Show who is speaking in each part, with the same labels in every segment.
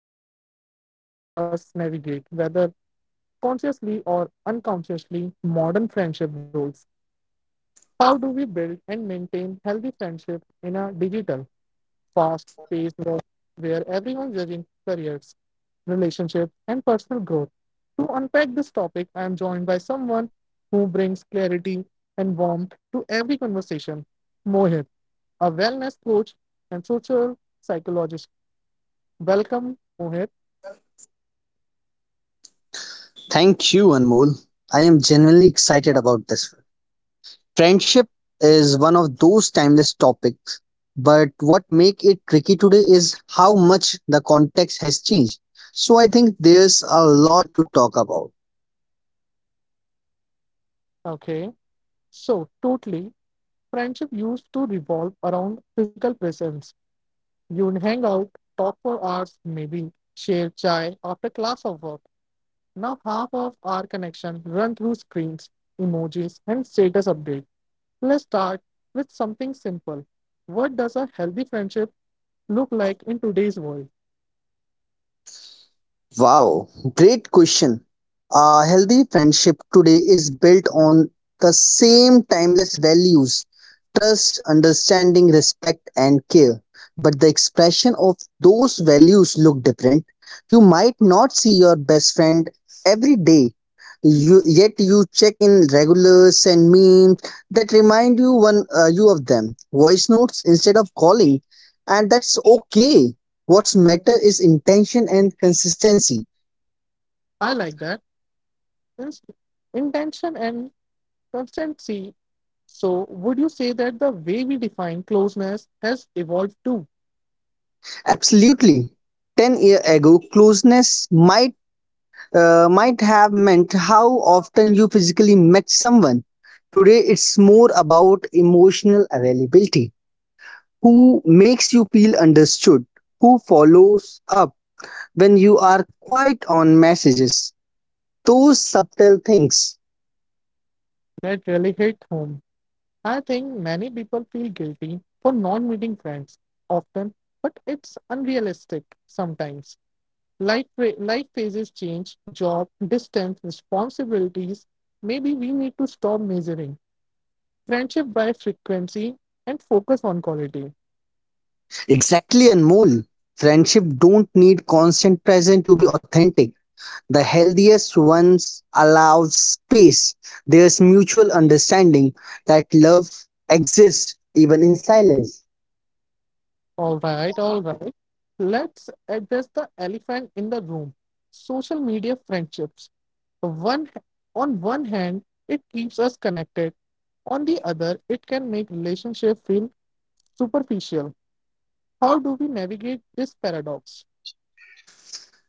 Speaker 1: deep into something all of us navigate, whether consciously or unconsciously, modern friendship rules. How do we build and maintain healthy friendships in a digital, fast-paced world where everyone's judging careers, relationships, and personal growth? To unpack this topic, I am joined by someone who brings clarity and warmth to every conversation. Mohit, a wellness coach and social psychologist. Welcome, Mohit.
Speaker 2: Thank you, Anmol. I am genuinely excited about this one. Friendship is one of those timeless topics, but what make it tricky today is how much the context has changed. So I think there's a lot to talk about.
Speaker 1: Okay, so totally, friendship used to revolve around physical presence. You'd hang out, talk for hours, maybe share chai after class or work. Now half of our connection run through screens, emojis, and status update. Let's start with something simple. What does a healthy friendship look like in today's world?
Speaker 2: Wow, great question. A healthy friendship today is built on the same timeless values trust, understanding, respect, and care. But the expression of those values look different. You might not see your best friend every day, yet you check in regulars send memes that remind you one you of them. Voice notes instead of calling, and that's okay. What's matter is intention and consistency.
Speaker 1: I like that. Inst- Intention and constancy. So, would you say that the way we define closeness has evolved too?
Speaker 2: Absolutely. 10 years year ago, closeness might have meant how often you physically met someone. Today, it's more about emotional availability. Who makes you feel understood? Who follows up when you are quiet on messages? Those subtle things.
Speaker 1: That really hit home. I think many people feel guilty for not meeting friends often, but it's unrealistic sometimes. Life phases change, job, distance, responsibilities. Maybe we need to stop measuring friendship by frequency and focus on quality.
Speaker 2: Exactly, and more. Friendship don't need constant presence to be authentic. The healthiest ones allow space. There's mutual understanding that love exists even in silence.
Speaker 1: All right, all right. Let's address the elephant in the room. Social media friendships. One On one hand, it keeps us connected. On the other, it can make relationships feel superficial. How do we navigate this paradox?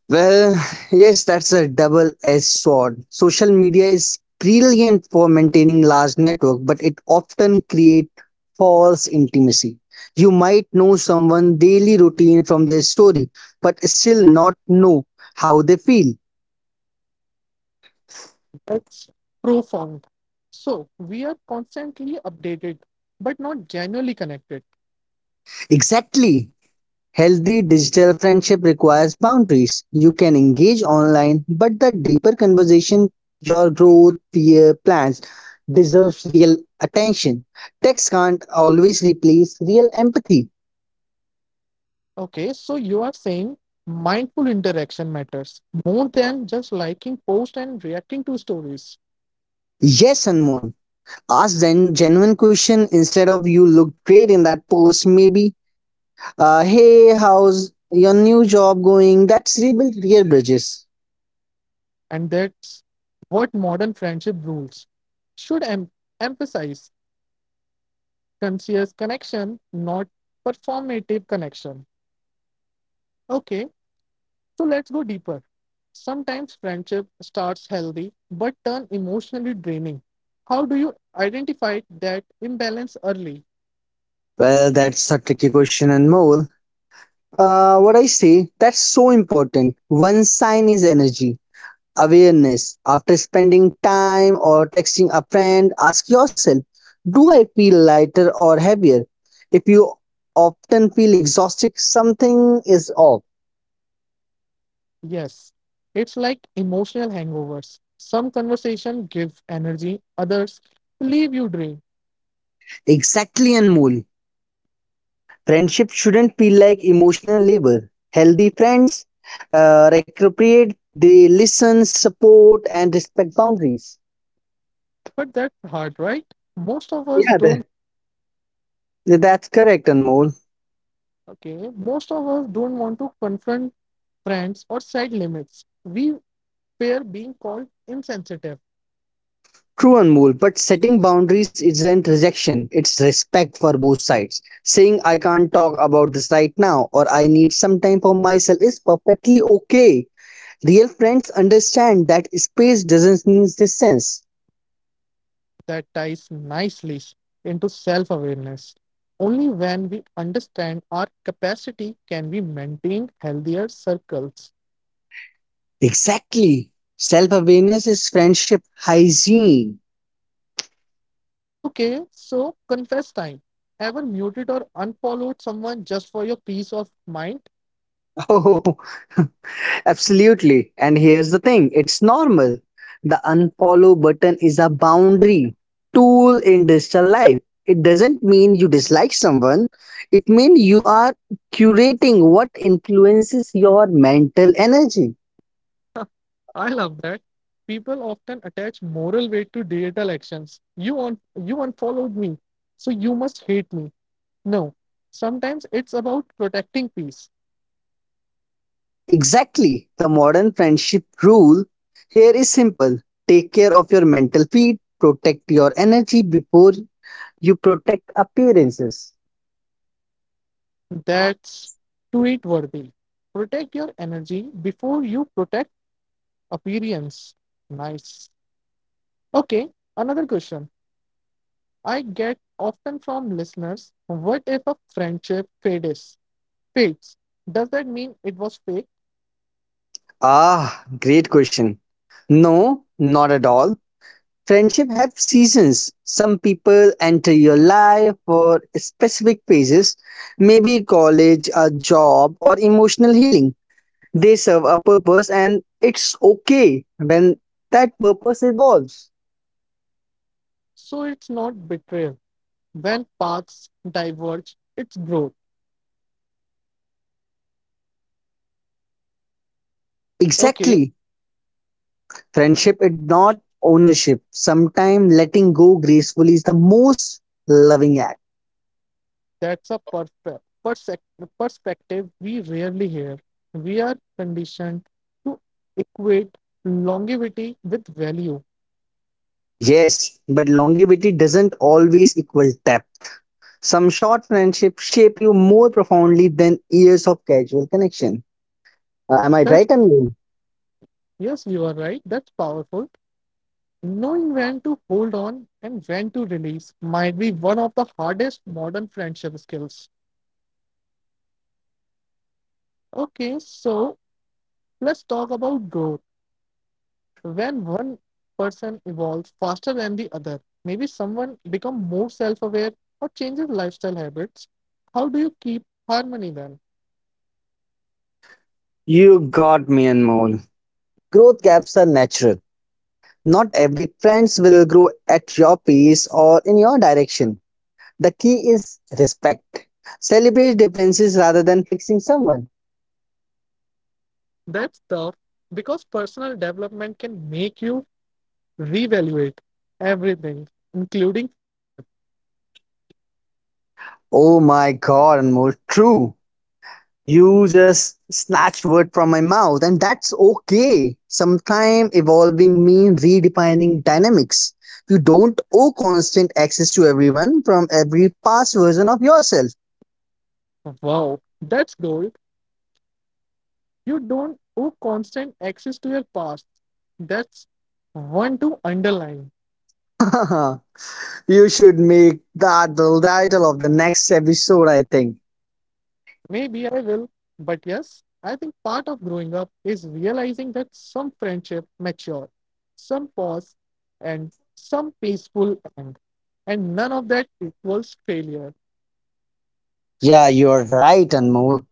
Speaker 2: Well, yes, that's a double edged sword. Social media is brilliant for maintaining large network, but it often creates false intimacy. You might know someone daily routine from their story, but still not know how they feel.
Speaker 1: That's profound. So we are constantly updated, but not genuinely connected.
Speaker 2: Exactly. Healthy digital friendship requires boundaries. You can engage online, but the deeper conversation, your growth, fear, plans deserves real attention. Text can't always replace real empathy.
Speaker 1: Okay, so you are saying mindful interaction matters more than just liking posts and reacting to stories.
Speaker 2: Yes, Anmol. Ask then genuine question instead of you looked great in that post. Maybe, hey, how's your new job going? That's rebuild real bridges.
Speaker 1: And that's what modern friendship rules should emphasize conscious connection, not performative connection. Okay, so let's go deeper. Sometimes friendship starts healthy but turn emotionally draining. How do you identify that imbalance early?
Speaker 2: Well, that's a tricky question, Anmol. What I say, that's so important. One sign is energy, awareness. After spending time or texting a friend, ask yourself, do I feel lighter or heavier? If you often feel exhausted, something is off.
Speaker 1: Yes, it's like emotional hangovers. Some conversation give energy, others leave you drained.
Speaker 2: Exactly, Anmol. Friendship shouldn't feel like emotional labor. Healthy friends appropriate, they listen, support, and respect boundaries.
Speaker 1: But that's hard, right? Most of us
Speaker 2: Yeah,
Speaker 1: don't.
Speaker 2: that's correct, Anmol.
Speaker 1: Okay, most of us don't want to confront friends or set limits. We fear being called insensitive.
Speaker 2: True, Anmol, but setting boundaries isn't rejection, it's respect for both sides. Saying I can't talk about this right now or I need some time for myself is perfectly okay. Real friends understand that space doesn't mean distance.
Speaker 1: That ties nicely into self awareness. Only when we understand our capacity can we maintain healthier circles.
Speaker 2: Exactly. Self awareness is friendship hygiene.
Speaker 1: Okay, so confess time. Ever muted or unfollowed someone just for your peace of mind?
Speaker 2: Oh, absolutely. And here's the thing it's normal. The unfollow button is a boundary tool in digital life. It doesn't mean you dislike someone, it means you are curating what influences your mental energy.
Speaker 1: I love that. People often attach moral weight to digital actions. You unfollowed me, so you must hate me. No, sometimes it's about protecting peace.
Speaker 2: Exactly. The modern friendship rule here is simple take care of your mental feed, protect your energy before you protect appearances.
Speaker 1: That's tweet worthy. Protect your energy before you protect appearance. Nice. Okay, another question I get often from listeners: what if a friendship fades? Fades. Does that mean it was fake?
Speaker 2: Ah, great question. No, not at all. Friendship have seasons. Some people enter your life for specific phases, maybe college, a job, or emotional healing. They serve a purpose, and it's okay when that purpose evolves.
Speaker 1: So it's not betrayal. When paths diverge, it's growth. Okay,
Speaker 2: Exactly. Friendship is not ownership. Sometimes letting go gracefully is the most loving act.
Speaker 1: that's a perspe- persec- perspective we rarely hear. We are conditioned to equate longevity with value.
Speaker 2: Yes, but longevity doesn't always equal depth. Some short friendships shape you more profoundly than years of casual connection. Am I right,
Speaker 1: That's
Speaker 2: Anmol?
Speaker 1: Yes, you are right. That's powerful. Knowing when to hold on and when to release might be one of the hardest modern friendship skills. Okay, so let's talk about growth when one person evolves faster than the other, maybe someone becomes more self-aware or changes lifestyle habits. How do you keep harmony then?
Speaker 2: You got me, Anmol. Growth gaps are natural. Not every friends will grow at your pace or in your direction. The key is respect. Celebrate differences rather than fixing someone.
Speaker 1: That's tough because personal development can make you reevaluate everything, including friendship.
Speaker 2: Oh my god, Anmol, true. You just snatch word from my mouth, and that's okay. Sometimes evolving means redefining dynamics. You don't owe constant access to everyone from every past version of yourself.
Speaker 1: Wow, that's gold. You don't owe constant access to your past. That's one to underline.
Speaker 2: You should make that the title of the next episode, I think.
Speaker 1: Maybe I will, but yes, I think part of growing up is realizing that some friendship mature, some pause, and some peaceful end. And none of that equals failure.
Speaker 2: Yeah, you're right, Anmol.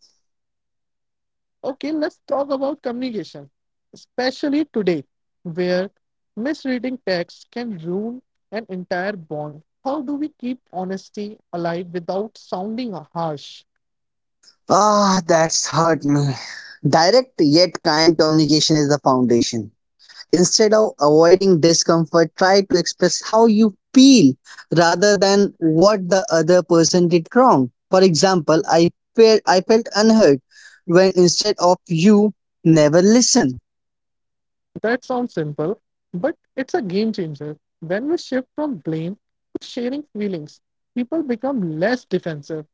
Speaker 1: Okay, let's talk about communication, especially today, where misreading text can ruin an entire bond. How do we keep honesty alive without sounding harsh?
Speaker 2: Ah, that's hurt me. Direct yet kind communication is the foundation. Instead of avoiding discomfort, try to express how you feel rather than what the other person did wrong. For example, I felt unheard when instead of you never listen.
Speaker 1: That sounds simple, but it's a game changer. When we shift from blame to sharing feelings, people become less defensive.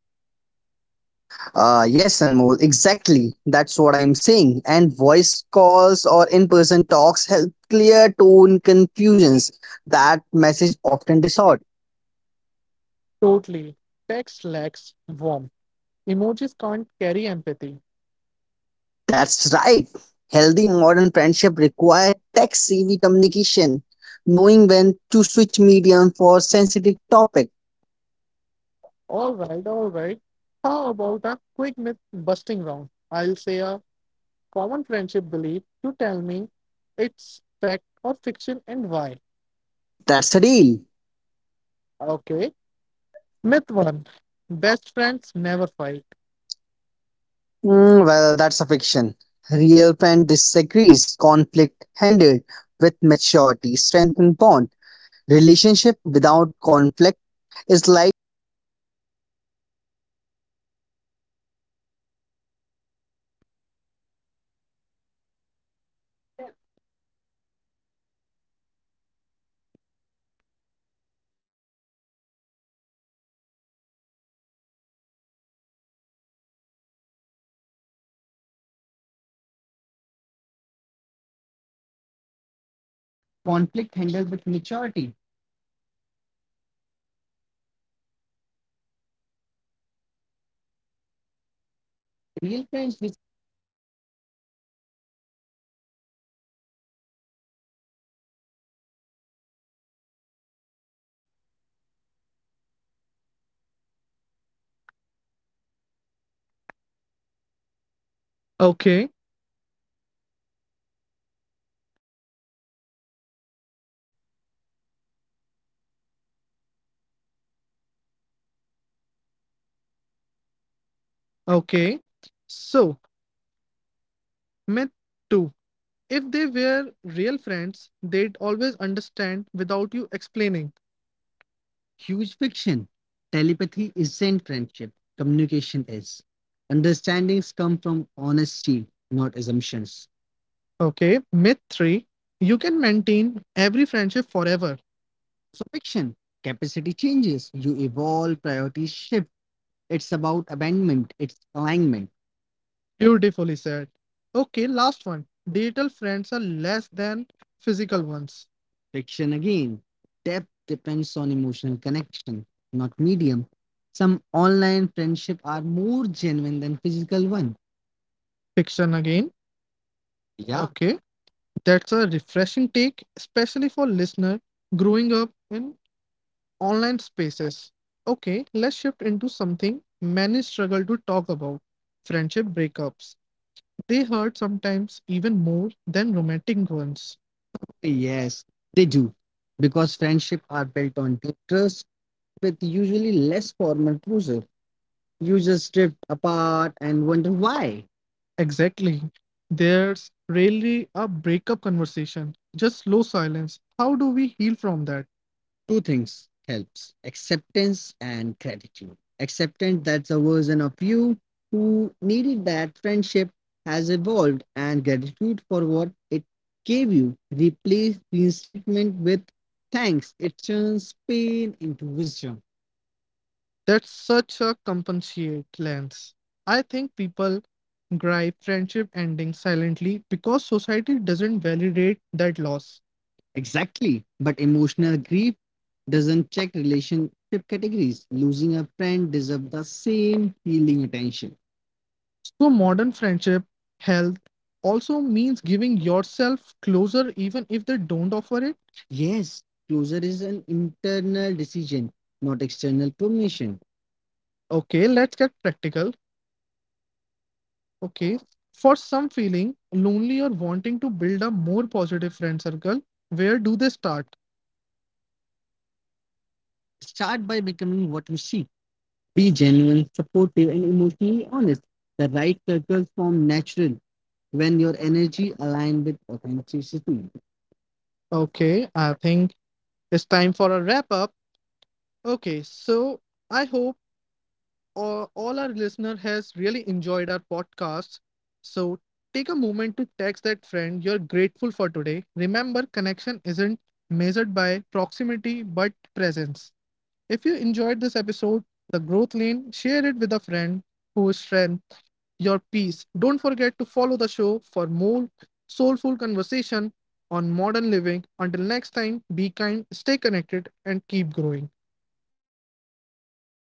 Speaker 2: Ah yes, Anmol, exactly. That's what I'm saying. And voice calls or in person talks help clear tone confusions that message often distort.
Speaker 1: Totally. Text lacks warmth. Emojis can't carry empathy.
Speaker 2: That's right. Healthy modern friendship require tech-savvy communication, knowing when to switch medium for sensitive topic.
Speaker 1: All right, all right. How about a quick myth busting round? I'll say a common friendship belief. You tell me it's fact or fiction and why.
Speaker 2: That's a deal.
Speaker 1: Okay. Myth one, best friends never fight.
Speaker 2: Mm, well, that's a fiction. Real friend disagrees, conflict handled with maturity, strengthen bond. Relationship without conflict is like relationship lacks depth. Fiction. Real friend disagrees,
Speaker 1: Please,
Speaker 2: conflict handled with maturity.
Speaker 1: real
Speaker 2: Real
Speaker 1: friends
Speaker 2: friends
Speaker 1: with-
Speaker 2: disagrees. Conflict handled with maturity.
Speaker 1: Okay. Okay.
Speaker 2: Okay.
Speaker 1: So,
Speaker 2: So,
Speaker 1: myth
Speaker 2: myth
Speaker 1: two.
Speaker 2: 2.
Speaker 1: If
Speaker 2: If
Speaker 1: they
Speaker 2: they
Speaker 1: were
Speaker 2: were
Speaker 1: real
Speaker 2: real
Speaker 1: friends,
Speaker 2: friends,
Speaker 1: they'd
Speaker 2: they'd
Speaker 1: always
Speaker 2: always
Speaker 1: understand
Speaker 2: understand
Speaker 1: without
Speaker 2: without
Speaker 1: you
Speaker 2: you
Speaker 1: explaining.
Speaker 2: explaining.
Speaker 1: Huge
Speaker 2: Huge
Speaker 1: fiction.
Speaker 2: fiction.
Speaker 1: Telepathy
Speaker 2: Telepathy
Speaker 1: isn't
Speaker 2: isn't
Speaker 1: friendship,
Speaker 2: friendship.
Speaker 1: communication
Speaker 2: Communication
Speaker 1: is.
Speaker 2: is.
Speaker 1: Understandings
Speaker 2: Understandings
Speaker 1: come
Speaker 2: come
Speaker 1: from
Speaker 2: from
Speaker 1: honesty,
Speaker 2: honesty,
Speaker 1: not
Speaker 2: not
Speaker 1: assumptions.
Speaker 2: assumptions. Okay.
Speaker 1: Okay.
Speaker 2: Myth
Speaker 1: Myth
Speaker 2: 3.
Speaker 1: three.
Speaker 2: You
Speaker 1: You can
Speaker 2: can
Speaker 1: maintain
Speaker 2: maintain every
Speaker 1: every
Speaker 2: friendship
Speaker 1: friendship forever.
Speaker 2: forever.
Speaker 1: So,
Speaker 2: Also
Speaker 1: fiction.
Speaker 2: fiction. Capacity
Speaker 1: Capacity
Speaker 2: changes.
Speaker 1: changes,
Speaker 2: You
Speaker 1: you
Speaker 2: evolve,
Speaker 1: evolve,
Speaker 2: priorities
Speaker 1: priorities shift.
Speaker 2: shift. It's
Speaker 1: It's
Speaker 2: about
Speaker 1: about
Speaker 2: abandonment,
Speaker 1: abandonment, it's
Speaker 2: it's alignment.
Speaker 1: alignment.
Speaker 2: Beautifully
Speaker 1: Beautifully
Speaker 2: said.
Speaker 1: said.
Speaker 2: Okay,
Speaker 1: Okay,
Speaker 2: last
Speaker 1: last
Speaker 2: one.
Speaker 1: one.
Speaker 2: Digital
Speaker 1: Digital
Speaker 2: friends
Speaker 1: friends
Speaker 2: are
Speaker 1: are less
Speaker 2: less than
Speaker 1: than physical
Speaker 2: physical
Speaker 1: ones.
Speaker 2: ones. Fiction
Speaker 1: Fiction
Speaker 2: again,
Speaker 1: again. Depth
Speaker 2: depth depends
Speaker 1: depends on
Speaker 2: on emotional
Speaker 1: emotional connection,
Speaker 2: connection, not
Speaker 1: not medium.
Speaker 2: medium. Some
Speaker 1: Some online
Speaker 2: online
Speaker 1: friendship
Speaker 2: friendships
Speaker 1: are
Speaker 2: are more
Speaker 1: more
Speaker 2: genuine
Speaker 1: genuine than
Speaker 2: than
Speaker 1: physical
Speaker 2: physical
Speaker 1: one.
Speaker 2: one.
Speaker 1: Fiction
Speaker 2: Fiction
Speaker 1: again.
Speaker 2: again.
Speaker 1: Yeah.
Speaker 2: Yeah.
Speaker 1: Okay,
Speaker 2: Okay.
Speaker 1: that's
Speaker 2: That's a
Speaker 1: a refreshing
Speaker 2: refreshing
Speaker 1: take,
Speaker 2: take,
Speaker 1: especially
Speaker 2: especially
Speaker 1: for
Speaker 2: for
Speaker 1: listener
Speaker 2: listener
Speaker 1: growing
Speaker 2: growing
Speaker 1: up
Speaker 2: up in
Speaker 1: in
Speaker 2: online
Speaker 1: online
Speaker 2: spaces.
Speaker 1: spaces.
Speaker 2: Okay,
Speaker 1: Okay,
Speaker 2: let's
Speaker 1: let's
Speaker 2: shift
Speaker 1: shift into
Speaker 2: into
Speaker 1: something
Speaker 2: something many
Speaker 1: many
Speaker 2: struggle
Speaker 1: struggle to
Speaker 2: to
Speaker 1: talk
Speaker 2: talk
Speaker 1: about
Speaker 2: about
Speaker 1: friendship
Speaker 2: friendship breakups.
Speaker 1: breakups.
Speaker 2: They
Speaker 1: They
Speaker 2: hurt
Speaker 1: hurt
Speaker 2: sometimes
Speaker 1: sometimes even
Speaker 2: even more
Speaker 1: more
Speaker 2: than
Speaker 1: than
Speaker 2: romantic
Speaker 1: romantic ones.
Speaker 2: ones. Oh,
Speaker 1: Yes,
Speaker 2: yes,
Speaker 1: they
Speaker 2: they do.
Speaker 1: do.
Speaker 2: Because
Speaker 1: Because friendship
Speaker 2: friendship
Speaker 1: are
Speaker 2: are
Speaker 1: built
Speaker 2: built
Speaker 1: on
Speaker 2: on
Speaker 1: deep
Speaker 2: deep
Speaker 1: trust
Speaker 2: trust
Speaker 1: with
Speaker 2: with usually
Speaker 1: usually less
Speaker 2: less formal
Speaker 1: formal
Speaker 2: closure.
Speaker 1: closure.
Speaker 2: You
Speaker 1: You
Speaker 2: just
Speaker 1: just drift
Speaker 2: drift
Speaker 1: apart
Speaker 2: apart and
Speaker 1: and wonder
Speaker 2: wonder why.
Speaker 1: why.
Speaker 2: Exactly.
Speaker 1: Exactly. There's
Speaker 2: There's rarely
Speaker 1: rarely
Speaker 2: a
Speaker 1: a
Speaker 2: breakup
Speaker 1: breakup conversation,
Speaker 2: conversation, just
Speaker 1: just slow
Speaker 2: slow silence.
Speaker 1: silence. How
Speaker 2: How
Speaker 1: do
Speaker 2: do we
Speaker 1: we
Speaker 2: heal
Speaker 1: heal
Speaker 2: from
Speaker 1: from
Speaker 2: that?
Speaker 1: that?
Speaker 2: Two
Speaker 1: Two things
Speaker 2: things
Speaker 1: helps,
Speaker 2: helps acceptance
Speaker 1: acceptance
Speaker 2: and
Speaker 1: and
Speaker 2: gratitude
Speaker 1: gratitude.
Speaker 2: acceptance
Speaker 1: Acceptance
Speaker 2: that
Speaker 1: that's
Speaker 2: the
Speaker 1: a
Speaker 2: version
Speaker 1: version of
Speaker 2: of you
Speaker 1: you
Speaker 2: who
Speaker 1: who
Speaker 2: needed
Speaker 1: needed
Speaker 2: that
Speaker 1: that
Speaker 2: friendship
Speaker 1: friendship
Speaker 2: has
Speaker 1: has
Speaker 2: evolved
Speaker 1: evolved,
Speaker 2: and
Speaker 1: and
Speaker 2: gratitude
Speaker 1: gratitude for
Speaker 2: for what
Speaker 1: what
Speaker 2: it
Speaker 1: it gave
Speaker 2: gave you
Speaker 1: you. Replace
Speaker 2: replace the
Speaker 1: reinstatement
Speaker 2: statement
Speaker 1: with
Speaker 2: with
Speaker 1: thanks.
Speaker 2: thanks
Speaker 1: It
Speaker 2: it
Speaker 1: turns
Speaker 2: turns pain
Speaker 1: pain into
Speaker 2: into wisdom.
Speaker 1: wisdom. That's
Speaker 2: That's such
Speaker 1: such
Speaker 2: a
Speaker 1: a
Speaker 2: compensate
Speaker 1: compensate lens.
Speaker 2: lens.
Speaker 1: I
Speaker 2: I
Speaker 1: think
Speaker 2: think
Speaker 1: people
Speaker 2: people
Speaker 1: gripe
Speaker 2: gripe
Speaker 1: friendship
Speaker 2: friendship
Speaker 1: ending
Speaker 2: endings
Speaker 1: silently
Speaker 2: silently
Speaker 1: because
Speaker 2: because
Speaker 1: society
Speaker 2: society
Speaker 1: doesn't
Speaker 2: doesn't validate
Speaker 1: validate that
Speaker 2: that
Speaker 1: loss.
Speaker 2: loss. Exactly.
Speaker 1: Exactly.
Speaker 2: But
Speaker 1: But
Speaker 2: emotional
Speaker 1: emotional grief
Speaker 2: grief doesn't
Speaker 1: doesn't
Speaker 2: check
Speaker 1: check relationship
Speaker 2: relationship
Speaker 1: categories.
Speaker 2: categories. Losing
Speaker 1: Losing
Speaker 2: a
Speaker 1: a
Speaker 2: friend
Speaker 1: friend
Speaker 2: deserves
Speaker 1: deserves
Speaker 2: the
Speaker 1: the
Speaker 2: same
Speaker 1: same
Speaker 2: healing
Speaker 1: healing
Speaker 2: attention.
Speaker 1: attention.
Speaker 2: So
Speaker 1: So,
Speaker 2: modern
Speaker 1: modern
Speaker 2: friendship
Speaker 1: friendship
Speaker 2: health
Speaker 1: health
Speaker 2: also
Speaker 1: also
Speaker 2: means
Speaker 1: means giving
Speaker 2: giving yourself
Speaker 1: yourself
Speaker 2: closer
Speaker 1: closure even
Speaker 2: even
Speaker 1: if
Speaker 2: if they
Speaker 1: they don't
Speaker 2: don't offer
Speaker 1: offer
Speaker 2: it.
Speaker 1: it. Yes,
Speaker 2: Yes,
Speaker 1: closure
Speaker 2: closure
Speaker 1: is
Speaker 2: is an
Speaker 1: an
Speaker 2: internal
Speaker 1: internal decision,
Speaker 2: decision, not
Speaker 1: not
Speaker 2: external
Speaker 1: external
Speaker 2: permission.
Speaker 1: permission. Okay,
Speaker 2: Okay, let's
Speaker 1: let's get
Speaker 2: get
Speaker 1: practical.
Speaker 2: practical. Okay,
Speaker 1: Okay,
Speaker 2: for
Speaker 1: for some
Speaker 2: some feeling
Speaker 1: feeling
Speaker 2: lonely
Speaker 1: lonely or
Speaker 2: or wanting
Speaker 1: wanting
Speaker 2: to
Speaker 1: to
Speaker 2: build
Speaker 1: build a
Speaker 2: a
Speaker 1: more
Speaker 2: more positive
Speaker 1: positive
Speaker 2: friend
Speaker 1: friend
Speaker 2: circle,
Speaker 1: circle, where
Speaker 2: where do
Speaker 1: do
Speaker 2: they
Speaker 1: they
Speaker 2: start?
Speaker 1: start? Start
Speaker 2: Start
Speaker 1: by
Speaker 2: by becoming
Speaker 1: becoming what
Speaker 2: what you
Speaker 1: you see.
Speaker 2: see.
Speaker 1: Be
Speaker 2: Be genuine,
Speaker 1: genuine, supportive,
Speaker 2: supportive,
Speaker 1: and
Speaker 2: and emotionally
Speaker 1: emotionally honest.
Speaker 2: honest.
Speaker 1: The
Speaker 2: The
Speaker 1: right
Speaker 2: right
Speaker 1: circles
Speaker 2: circles
Speaker 1: form
Speaker 2: form natural
Speaker 1: natural
Speaker 2: when
Speaker 1: when
Speaker 2: your
Speaker 1: your energy
Speaker 2: energy aligns
Speaker 1: aligns with
Speaker 2: with authenticity.
Speaker 1: authenticity.
Speaker 2: Okay,
Speaker 1: Okay,
Speaker 2: I
Speaker 1: I
Speaker 2: think
Speaker 1: think
Speaker 2: it's
Speaker 1: it's
Speaker 2: time
Speaker 1: time
Speaker 2: for
Speaker 1: for
Speaker 2: a
Speaker 1: a wrap
Speaker 2: wrap
Speaker 1: up.
Speaker 2: up.
Speaker 1: Okay,
Speaker 2: Okay,
Speaker 1: so
Speaker 2: so
Speaker 1: I
Speaker 2: I
Speaker 1: hope
Speaker 2: hope all
Speaker 1: all our
Speaker 2: our
Speaker 1: listener
Speaker 2: listener
Speaker 1: has
Speaker 2: has really
Speaker 1: really
Speaker 2: enjoyed
Speaker 1: enjoyed
Speaker 2: our
Speaker 1: our podcast.
Speaker 2: podcast.
Speaker 1: So
Speaker 2: So take
Speaker 1: take a
Speaker 2: a moment
Speaker 1: moment to
Speaker 2: to
Speaker 1: text
Speaker 2: text that
Speaker 1: that friend
Speaker 2: friend you're
Speaker 1: you're
Speaker 2: grateful
Speaker 1: grateful
Speaker 2: for
Speaker 1: for today.
Speaker 2: today.
Speaker 1: Remember,
Speaker 2: Remember, connection
Speaker 1: connection isn't
Speaker 2: isn't
Speaker 1: measured
Speaker 2: measured
Speaker 1: by
Speaker 2: by proximity
Speaker 1: proximity but
Speaker 2: but presence.
Speaker 1: presence. If
Speaker 2: If
Speaker 1: you
Speaker 2: you enjoyed
Speaker 1: enjoyed this
Speaker 2: this
Speaker 1: episode,
Speaker 2: episode,
Speaker 1: the
Speaker 2: the growth
Speaker 1: growth
Speaker 2: lane,
Speaker 1: lane, share
Speaker 2: share
Speaker 1: it
Speaker 2: it
Speaker 1: with
Speaker 2: with
Speaker 1: a
Speaker 2: a
Speaker 1: friend
Speaker 2: friend
Speaker 1: whose
Speaker 2: whose
Speaker 1: strength
Speaker 2: strength your
Speaker 1: your
Speaker 2: peace.
Speaker 1: peace.
Speaker 2: Don't
Speaker 1: Don't
Speaker 2: forget
Speaker 1: forget
Speaker 2: to
Speaker 1: to
Speaker 2: follow
Speaker 1: follow
Speaker 2: the
Speaker 1: the show
Speaker 2: show
Speaker 1: for
Speaker 2: for more
Speaker 1: more soulful
Speaker 2: soulful conversation
Speaker 1: conversation on
Speaker 2: on
Speaker 1: modern
Speaker 2: modern living.
Speaker 1: living. Until
Speaker 2: Until next
Speaker 1: next
Speaker 2: time,
Speaker 1: time, be
Speaker 2: be
Speaker 1: kind,
Speaker 2: kind, stay
Speaker 1: stay
Speaker 2: connected,
Speaker 1: connected,
Speaker 2: and
Speaker 1: and
Speaker 2: keep
Speaker 1: keep
Speaker 2: growing.
Speaker 1: growing.
Speaker 2: आधे में से